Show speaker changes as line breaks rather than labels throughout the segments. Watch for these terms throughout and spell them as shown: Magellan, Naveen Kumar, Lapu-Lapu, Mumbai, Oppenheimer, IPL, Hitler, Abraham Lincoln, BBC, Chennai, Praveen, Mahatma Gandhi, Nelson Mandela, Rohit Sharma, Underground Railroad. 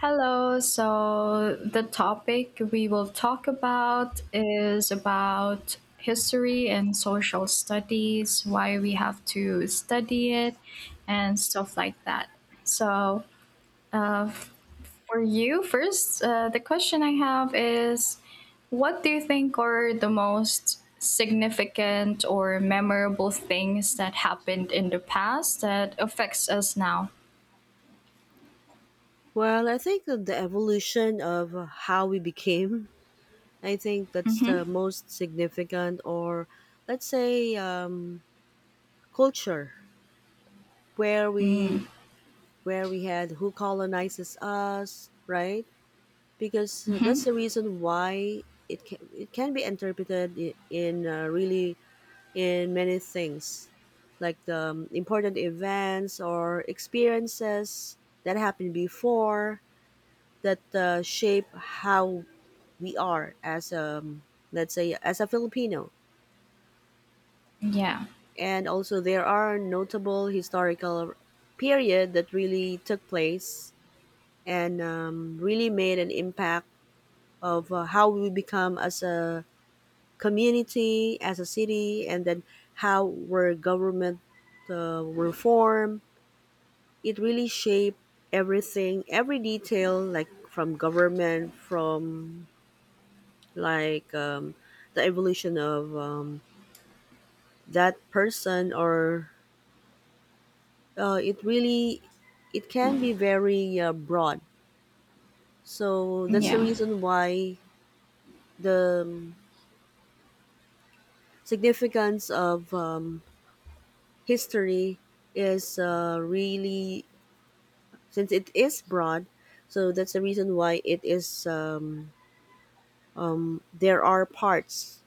Hello. So the topic we will talk about is about history and social studies, why we have to study it, and stuff like that. So uh, for you, first, the question I have is, what do you think are the most significant or memorable things that happened in the past that affects us now?
Well, I think of the evolution of how we became, I think that's the
Mm-hmm.
most significant, or let's say culture, where we where we had who colonizes us, right? Because that's the reason why it can be interpreted in really in many things, like the important events or experiences that happened before that shape how we are as a let's say as a Filipino.
Yeah.
And also there are notable historical period that really took place and really made an impact of how we become as a community, as a city, and then how our government reform. It really shaped everything, every detail, like from government, from like the evolution of that person or uh, it really it can be very broad, so that's the
Yeah.
reason why the significance of history is really, since it is broad, so that's the reason why it is there are parts,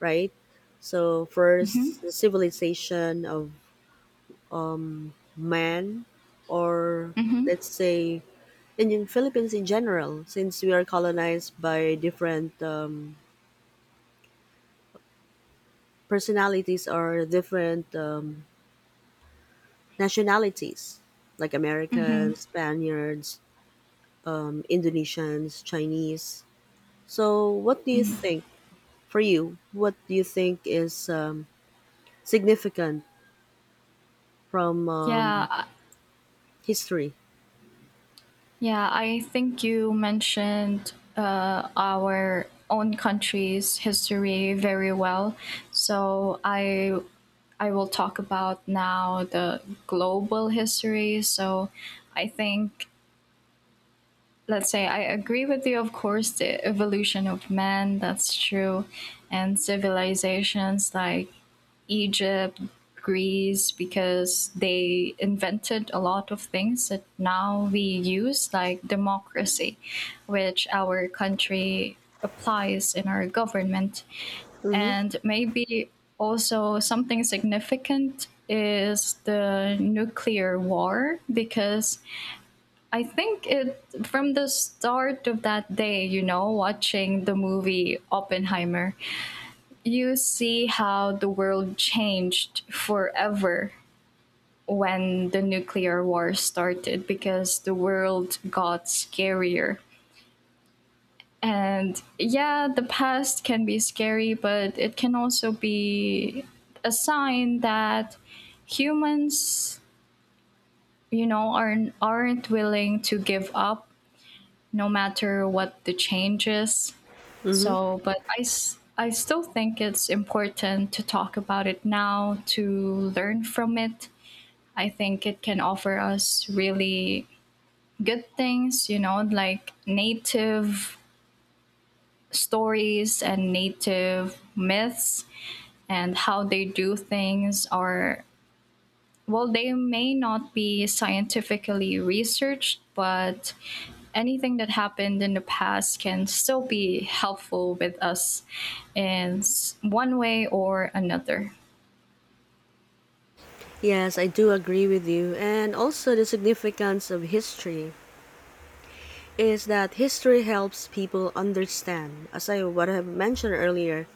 right? So
Mm-hmm.
first the civilization of man or
Mm-hmm.
let's say and in Philippines in general, since we are colonized by different personalities or different nationalities, like
Mm-hmm.
Americans, Spaniards, Indonesians, Chinese. So, what do you think for you? What do you think is significant from
Yeah,
history?
yeah, I think you mentioned our own country's history very well. So I will talk about now the global history. So I think, let's say, I agree with you, of course, the evolution of man, that's true, and civilizations like Egypt, Greece, because they invented a lot of things that now we use, like democracy, which our country applies in our government.
Mm-hmm.
And maybe also something significant is the nuclear war, because I think it from the start of that day, watching the movie Oppenheimer, you see how the world changed forever when the nuclear war started, because the world got scarier. And yeah, the past can be scary, but it can also be a sign that humans, aren't willing to give up no matter what the changes.
Mm-hmm.
So, but I still think it's important to talk about it now to learn from it. I think it can offer us really good things, like native stories and native myths and how they do things or. Well, they may not be scientifically researched, but anything that happened in the past can still be helpful with us in one way or another.
Yes, I do agree with you, and also the significance of history is that history helps people understand. As I what I have mentioned earlier,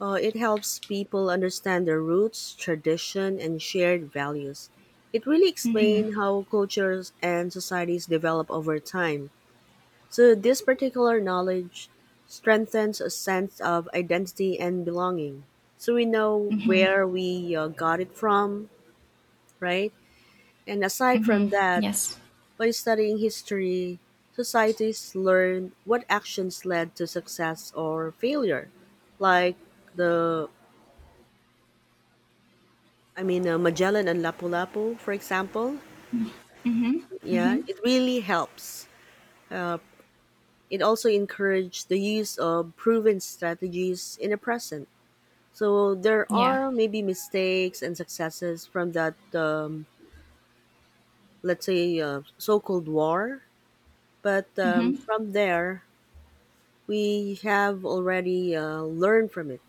it helps people understand their roots, tradition, and shared values. It really explains how cultures and societies develop over time. So this particular knowledge strengthens a sense of identity and belonging. So we know
Hmm,
where we got it from, right? And aside from
hmm.
that,
Yes.
by studying history, societies learn what actions led to success or failure, like the I mean Magellan and Lapu-Lapu, for example.
Hmm,
Yeah,
hmm.
it really helps. Uh, it also encourages the use of proven strategies in the present. So there
Yeah.
are maybe mistakes and successes from that, let's say, so-called war. But
Hmm,
from there, we have already learned from it.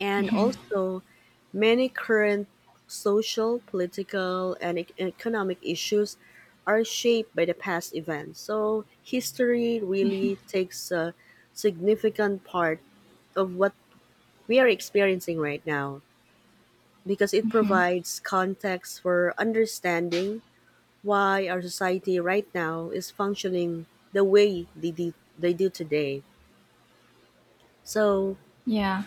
And
hmm.
also, many current social, political, and economic issues are shaped by the past events. So, history really takes a significant part of what we are experiencing right now because it provides context for understanding why our society right now is functioning the way they do today. So,
Yeah.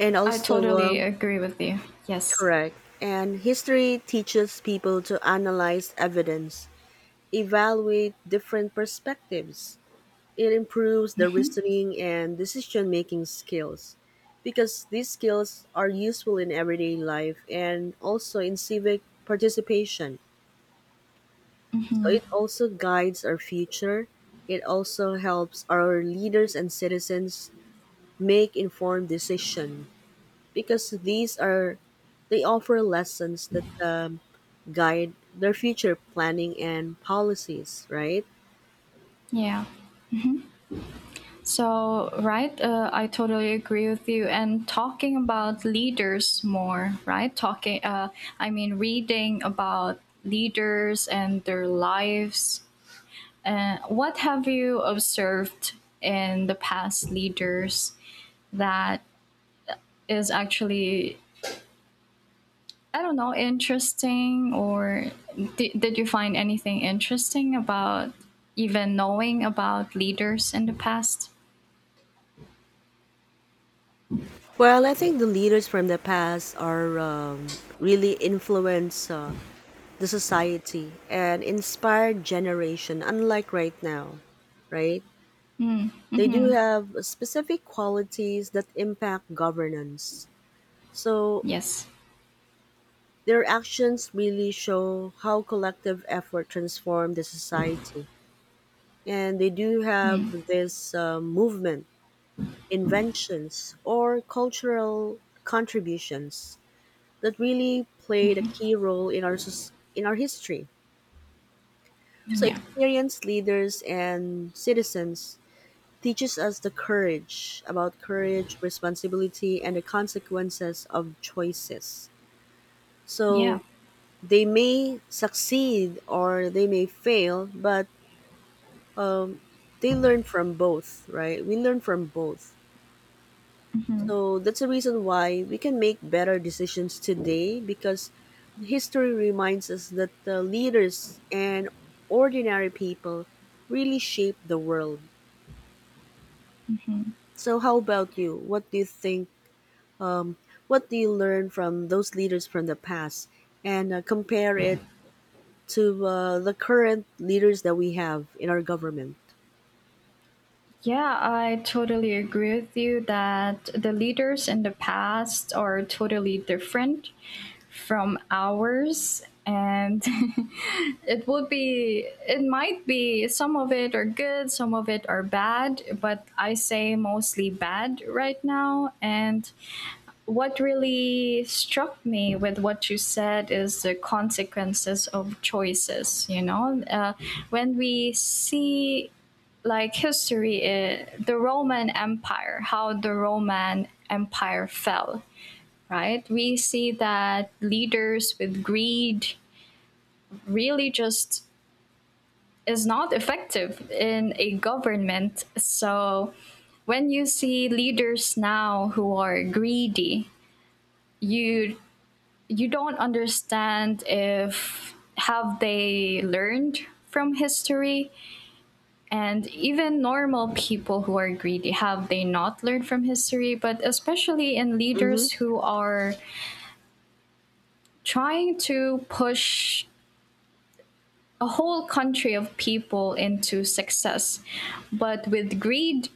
and
I
also,
totally agree with you. Yes.
correct. And history teaches people to analyze evidence, evaluate different perspectives. It improves the reasoning and decision making skills because these skills are useful in everyday life and also in civic participation. So it also guides our future. It also helps our leaders and citizens make informed decisions, because these are they offer lessons that guide their future planning and policies, right?
Yeah. So, right, I totally agree with you. And talking about leaders more, right? Reading about leaders and their lives. And what have you observed in the past leaders that is actually, I don't know, interesting? Or did you find anything interesting about even knowing about leaders in the past?
Well, I think the leaders from the past are really influence the society and inspire generation, unlike right now, right?
Mm, hmm.
They do
Mm-hmm.
have specific qualities that impact governance, so
Yes.
their actions really show how collective effort transform the society, and they do have this movement, inventions, or cultural contributions that really played a key role in our in our history. So
Yeah.
experienced leaders and citizens teaches us the courage about courage, responsibility, and the consequences of choices.
Yeah.
So they may succeed or they may fail, but um, they learn from both, right? We learn from both.
Hmm,
So that's the reason why we can make better decisions today because history reminds us that the leaders and ordinary people really shape the world.
hmm.
So how about you? What do you think? What do you learn from those leaders from the past and compare it to the current leaders that we have in our government?
Yeah, I totally agree with you that the leaders in the past are totally different from ours. And it might be, some of it are good, some of it are bad, but I say mostly bad right now. And what really struck me with what you said is the consequences of choices, when we see, like, history, the Roman Empire, how the Roman Empire fell, right? We see that leaders with greed really just is not effective in a government. So when you see leaders now who are greedy, you you don't understand, if have they learned from history? And even normal people who are greedy, have they not learned from history? But especially in
Hmm.
leaders who are trying to push a whole country of people into success, but with greed,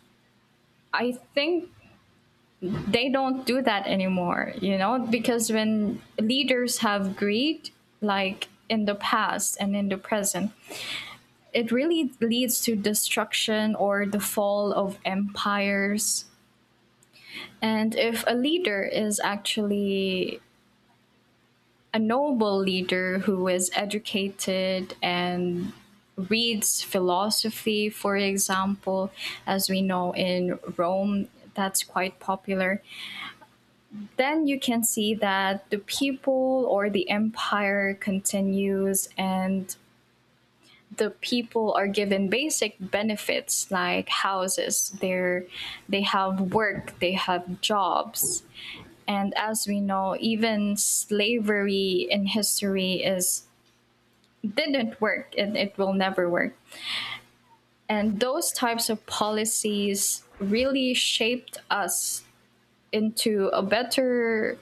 I think they don't do that anymore, because when leaders have greed, like in the past and in the present, it really leads to destruction or the fall of empires. And if a leader is actually a noble leader who is educated and reads philosophy, for example, as we know in Rome, that's quite popular, then you can see that the people or the empire continues, and the people are given basic benefits like houses. They have work, they have jobs. And as we know, even slavery in history is didn't work and it will never work, and those types of policies really shaped us into a better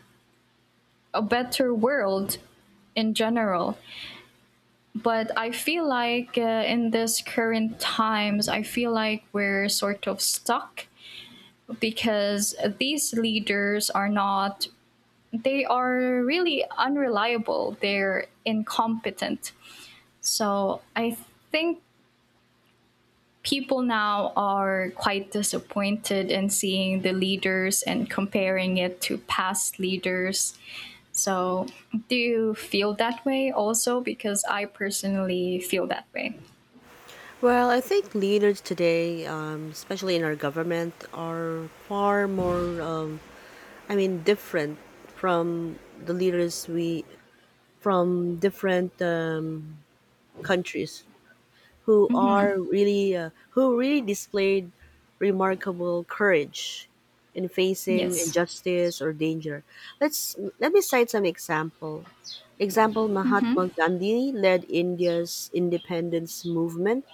a better world in general. But I feel like in this current times, I feel like we're sort of stuck, because these leaders are not they are really unreliable, they're incompetent. So I think people now are quite disappointed in seeing the leaders and comparing it to past leaders. So do you feel that way also, because I personally feel that way?
Well, I think leaders today, especially in our government, are far more different from the leaders we from different countries who
Hmm.
are really who really displayed remarkable courage in facing
Yes.
injustice or danger. Let me cite some example. Example: Mahatma Gandhi led India's independence movement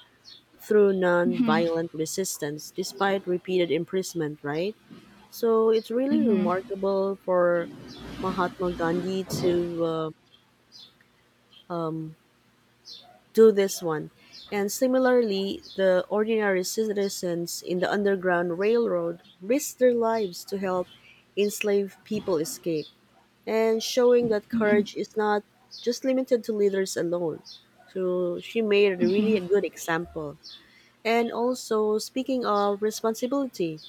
through non-violent resistance, despite repeated imprisonment. Right, so it's really remarkable for Mahatma Gandhi to um, do this one. And similarly, the ordinary citizens in the Underground Railroad risked their lives to help enslaved people escape, and showing that courage is not just limited to leaders alone. So she made really a good example. And also, speaking of responsibility,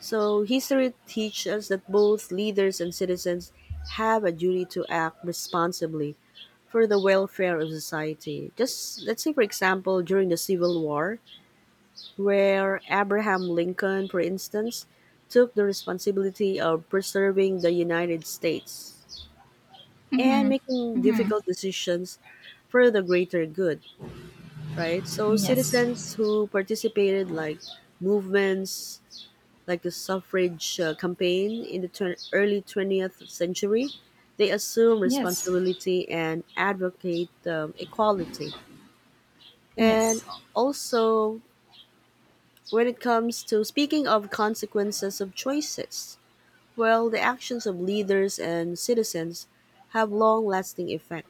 so history teaches us that both leaders and citizens have a duty to act responsibly for the welfare of society. Just let's say, for example, during the Civil War, where Abraham Lincoln, for instance, took the responsibility of preserving the United States and making difficult decisions for the greater good, right? So,
Yes.
citizens who participated, like movements like the suffrage campaign in the early 20th century, they assume
Yes.
responsibility and advocate equality. And
Yes.
also, when it comes to speaking of consequences of choices, well, the actions of leaders and citizens have long lasting effect,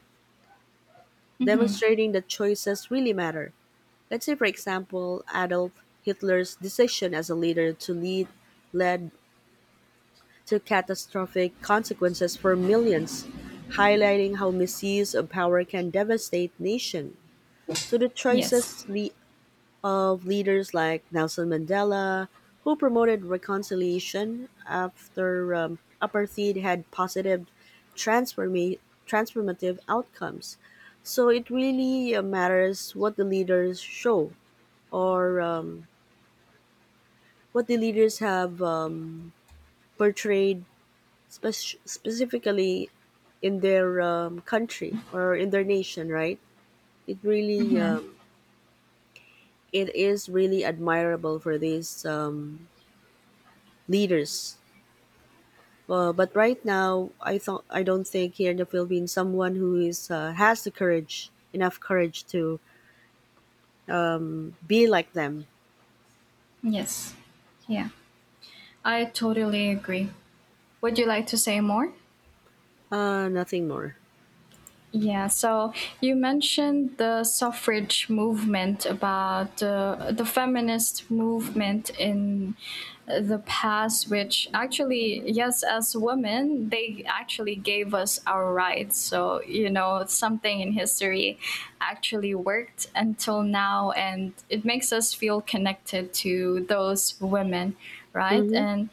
demonstrating that choices really matter. Let's say, for example, Adolf Hitler's decision as a leader to lead led to catastrophic consequences for millions, highlighting how misuse of power can devastate nation. So the
Yes.
of leaders like Nelson Mandela, who promoted reconciliation after apartheid, had positive transforma- transformative outcomes. So it really matters what the leaders show or what the leaders have portrayed specifically in their country or in their nation, right? It really, it is really admirable for these leaders. But right now, I don't think here in the Philippines someone who is has the courage, enough courage to be like them.
Yes. Yeah. I totally agree. Would you like to say more?
Nothing more.
Yeah, so you mentioned the suffrage movement about the feminist movement in the past, which actually, yes, as women, they actually gave us our rights. So, something in history actually worked until now, and it makes us feel connected to those women, right?
Hmm.
And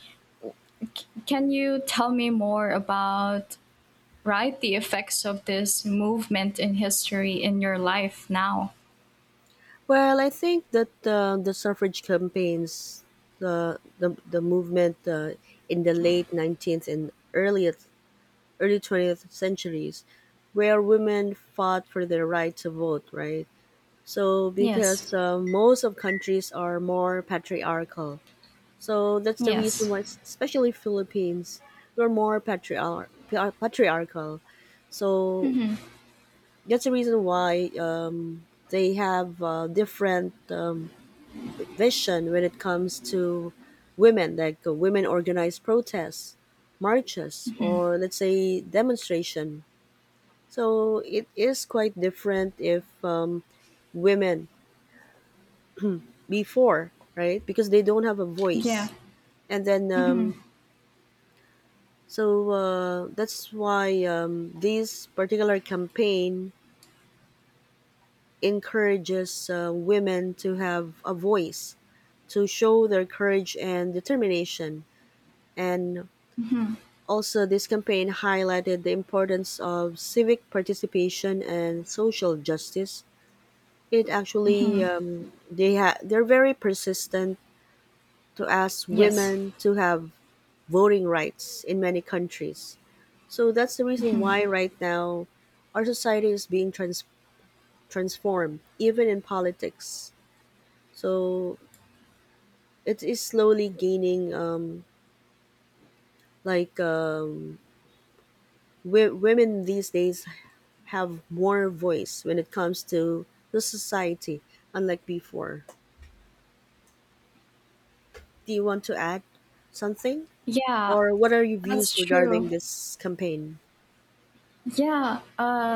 can you tell me more about, right, the effects of this movement in history in your life now.
Well, I think that the suffrage campaigns, the movement in the late 19th and early early 20th centuries where women fought for their right to vote, right? So
Yes.
because most of countries are more patriarchal. So that's the reason
Yes.
why, especially Philippines, we're more patriarchal. So that's the reason why they have different vision when it comes to women, like women organize protests, marches, or let's say demonstration, so it is quite different if women before, right? Because they don't have a
Yeah.
voice. And then,
Hmm.
so that's why this particular campaign encourages women to have a voice, to show their courage and determination. And also, this campaign highlighted the importance of civic participation and social justice. It actually they're very persistent to ask
Yes.
women to have voting rights in many countries. So that's the reason why right now our society is being transformed, even in politics. So it is slowly gaining like um, women these days have more voice when it comes to the society, unlike before. Do you want to add something?
Yeah,
Or what are your
that's
views regarding
true.
this campaign?
Yeah,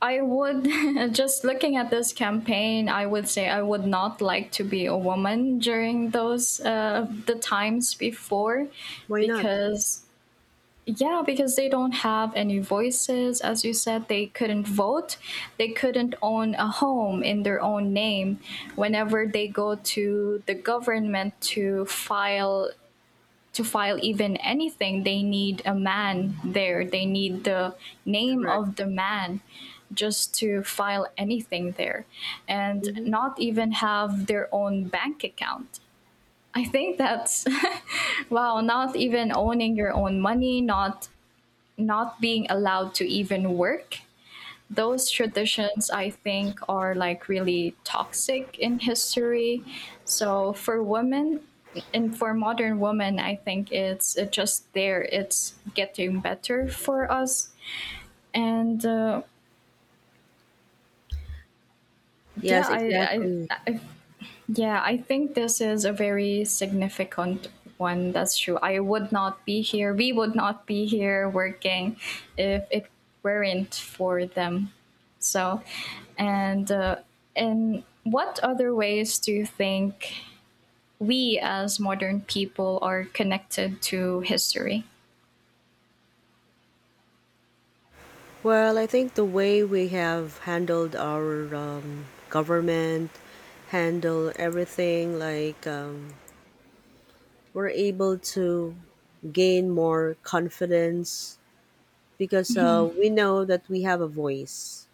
I would just looking at this campaign, I would say I would not like to be a woman during those the times before,
Why not?
because. Yeah, because they don't have any voices. As you said, they couldn't vote. They couldn't own a home in their own name. Whenever they go to the government to file even anything, they need a man there. They need the name
Correct.
of the man just to file anything there, and
Hmm.
not even have their own bank account. I think that's wow, not even owning your own money, not being allowed to even work. Those traditions, I think, are, like, really toxic in history, so for women. And for modern women, I think it's it just there it's getting better for us. And yeah,
Yes, exactly.
I yeah, I think this is a very significant one. That's true. I would not be here. We would not be here working if it weren't for them. So, and in what other ways do you think we as modern people are connected to history?
Well, I think the way we have handled our government, handle everything, like we're able to gain more confidence because we know that we have a voice,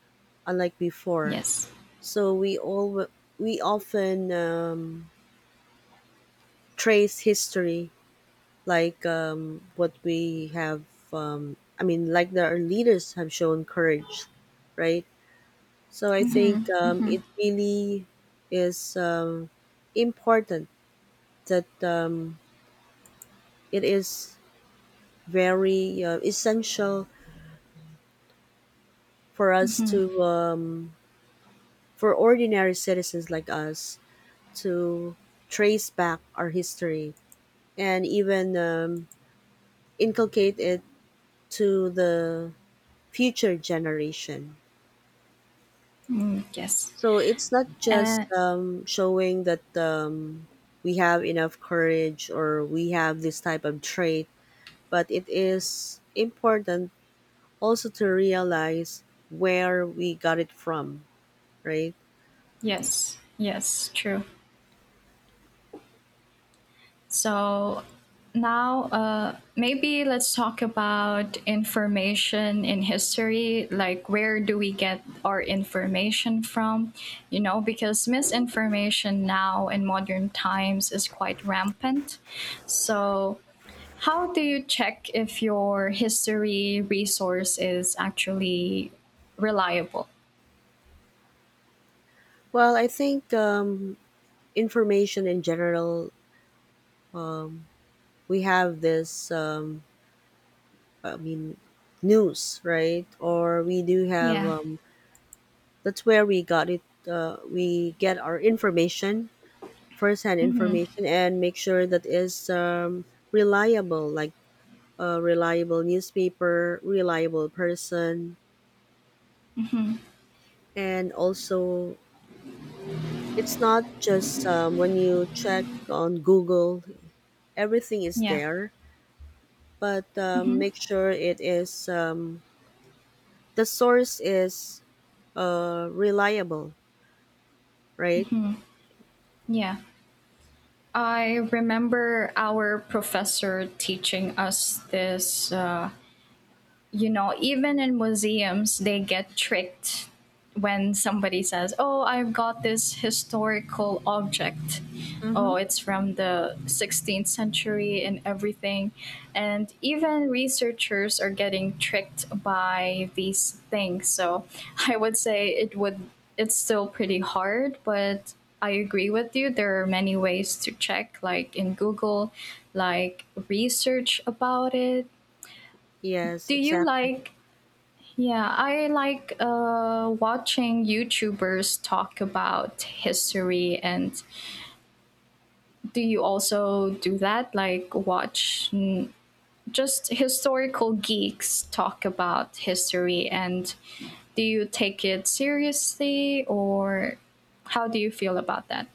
unlike before.
Yes.
So we often trace history like what we have I mean like the, our leaders have shown courage, right? So i think
Mm-hmm.
um,
Mm-hmm.
it really is important that it is very essential for us to for ordinary citizens like us to trace back our history and even inculcate it to the future generation.
Mm, yes.
So it's not just
Uh,
showing that we have enough courage or we have this type of trait, but it is important also to realize where we got it from, right?
yes. Yes. True. So now maybe let's talk about information in history. Like, where do we get our information from? Because misinformation now in modern times is quite rampant. So, how do you check if your history resource is actually reliable?
Well, I think information in general, we have this, I mean, news, right? Or we do have,
Yeah.
that's where we got it, we get our information first-hand
Mm-hmm.
information and make sure that is reliable, like a reliable newspaper, reliable person,
Mm-hmm.
and also it's not just when you check on Google, everything is
Yeah.
there, but
Mm-hmm.
make sure it is the source is reliable, right?
Yeah. I remember our professor teaching us this, even in museums, they get tricked when somebody says, "Oh, I've got this historical object.
Mm-hmm.
Oh, it's from the 16th century," and everything. And even researchers are getting tricked by these things. So I would say it's still pretty hard, but I agree with you. There are many ways to check, like in Google, like research about it.
Yes,
Do you
exactly.
like Yeah, I like watching YouTubers talk about history. And do you also do that? Like, watch just historical geeks talk about history? And do you take it seriously, or how do you feel about that?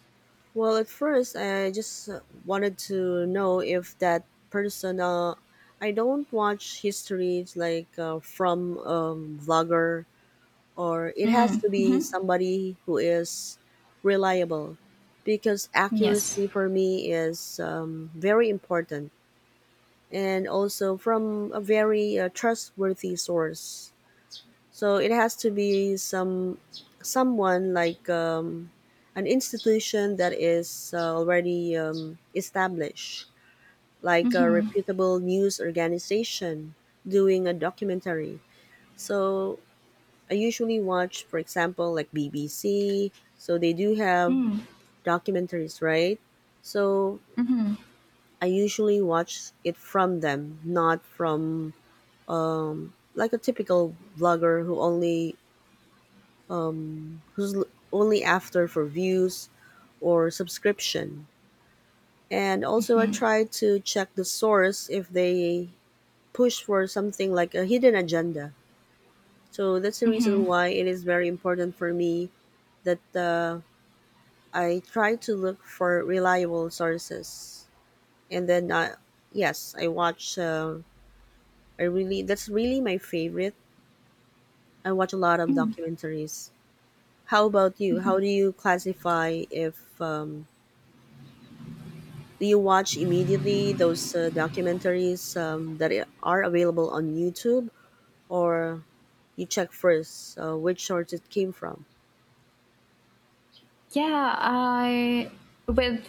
Well, at first, I just wanted to know if that person. I don't watch histories like from vlogger, or it has
Mm-hmm.
to be
Mm-hmm.
somebody who is reliable, because
Yes.
accuracy for me is very important, and also from a very trustworthy source. So it has to be someone like an institution that is already established, like a
Mm-hmm.
reputable news organization doing a documentary. So I usually watch, for example, like BBC. So they do have
Mm-hmm.
documentaries, right? So
Mm-hmm. Mm-hmm.
I usually watch it from them, not from like a typical vlogger who only um, who's l- only after for views or subscription. And also, I try to check the source if they push for something like a hidden agenda. So that's the reason
Mm-hmm.
why it is very important for me that I try to look for reliable sources. And then, yes, I watch. I really that's really my favorite. I watch a lot of
Mm-hmm.
documentaries. How about you? How do you classify if do you watch immediately those documentaries are available on YouTube, or you check first which source it came from?
Yeah, I with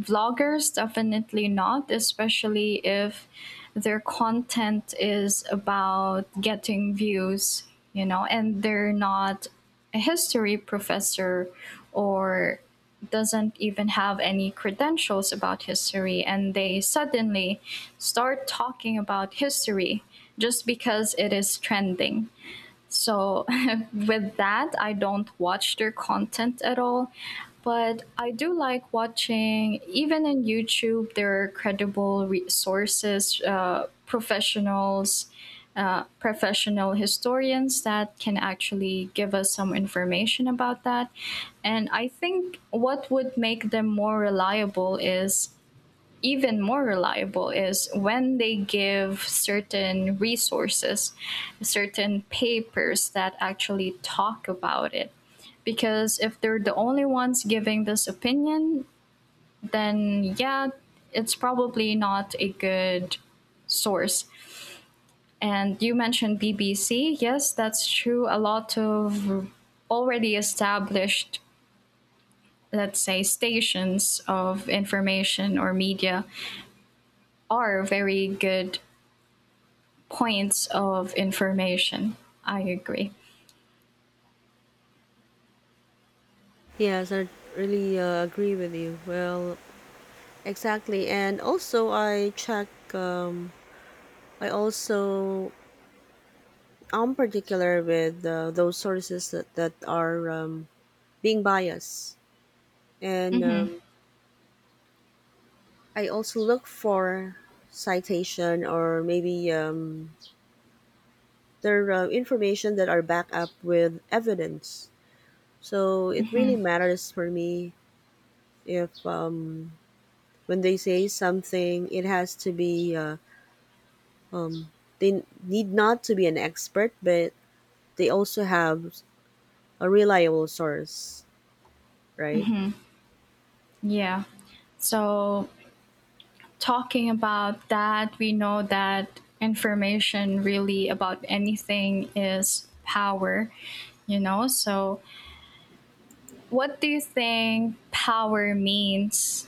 vloggers, definitely not, especially if their content is about getting views, and they're not a history professor, or doesn't even have any credentials about history, and they suddenly start talking about history just because it is trending. So with that, I don't watch their content at all. But I do like watching, even in YouTube, there are credible resources, professionals, professional historians that can actually give us some information about that. And I think what would make them more reliable is, when they give certain resources, certain papers that actually talk about it. Because if they're the only ones giving this opinion, then yeah, it's probably not a good source. And you mentioned BBC. Yes, that's true. A lot of already established, let's say, stations of information or media are very good points of information. I agree.
Yes, I really agree with you. Well, exactly. And also, I check. I also am particular with those sources that are being biased, and
Hmm.
I also look for citation or maybe they're information that are backed up with evidence. So it really matters for me if when they say something, it has to be. Um, they need not to be an expert, but they also have a reliable source, right?
Yeah. So, talking about that, we know that information really about anything is power, you know? So, what do you think power means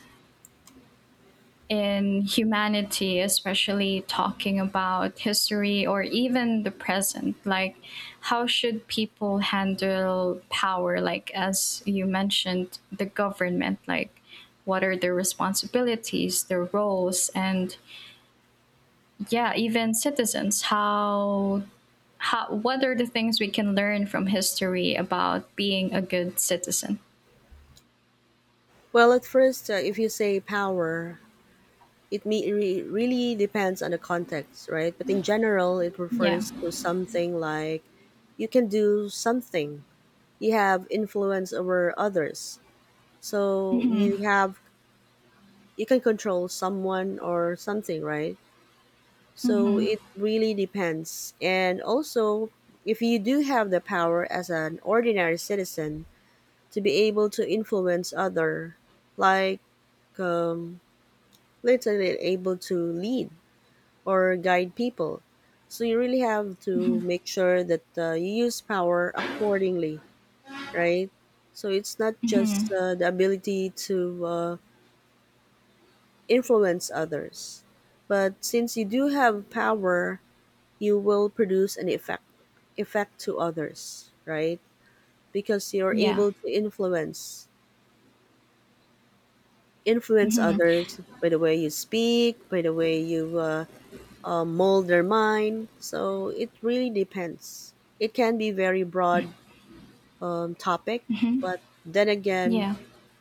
in humanity, especially talking about history or even the present? Like, how should people handle power? Like, as you mentioned, the government, like, what are their responsibilities, their roles, and yeah, even citizens, how. What are the things we can learn from history about being a good citizen?
Well, at first, if you say power, it really depends on the context, right? But in general, it
Yeah.
refers to something like you can do something, you have influence over others, so
Hmm,
you have you can control someone or something, right? So
hmm.
it really depends, and also if you do have the power as an ordinary citizen to be able to influence other, like um, literally able to lead or guide people, so you really have to make sure that you use power accordingly, right? So it's not just the ability to influence others, but since you do have power, you will produce an effect to others, right? Because you're
Yeah.
able to influence others by the way you speak, by the way you mold their mind. So it really depends. It can be very broad topic, but then again,
Yeah.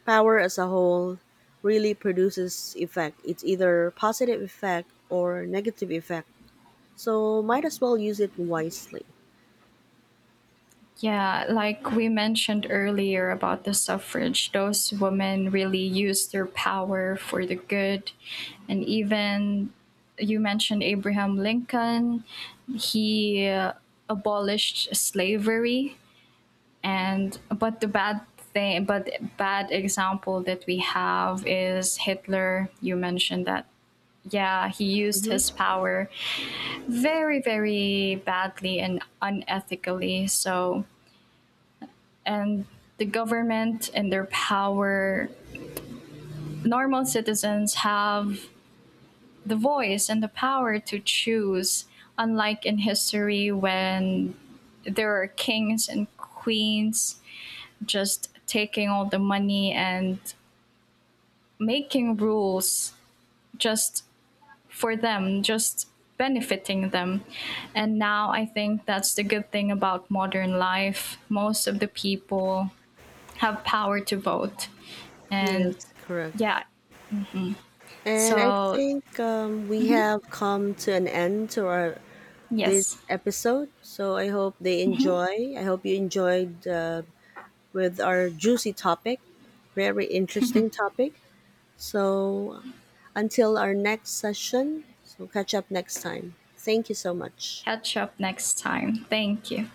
power as a whole really produces effect. It's either positive effect or negative effect. So might as well use it wisely.
Yeah, like we mentioned earlier about the suffrage, those women really used their power for the good. And even you mentioned Abraham Lincoln, he abolished slavery. And but the bad thing but bad example that we have is Hitler. You mentioned that. Yeah, he used his
Hmm.
power very, very badly and unethically. So, and the government and their power, normal citizens have the voice and the power to choose, unlike in history when there are kings and queens just taking all the money and making rules just for them, just benefiting them. And now I think that's the good thing about modern life. Most of the people have power to vote.
Yes,
And
correct.
yeah,
And I
so,
think we have come to an end to our this
yes,
episode. So I hope they enjoy. I hope you enjoyed with our juicy topic, very interesting topic. So until our next session, so catch up next time. Thank you so much.
catch up next time. Thank you.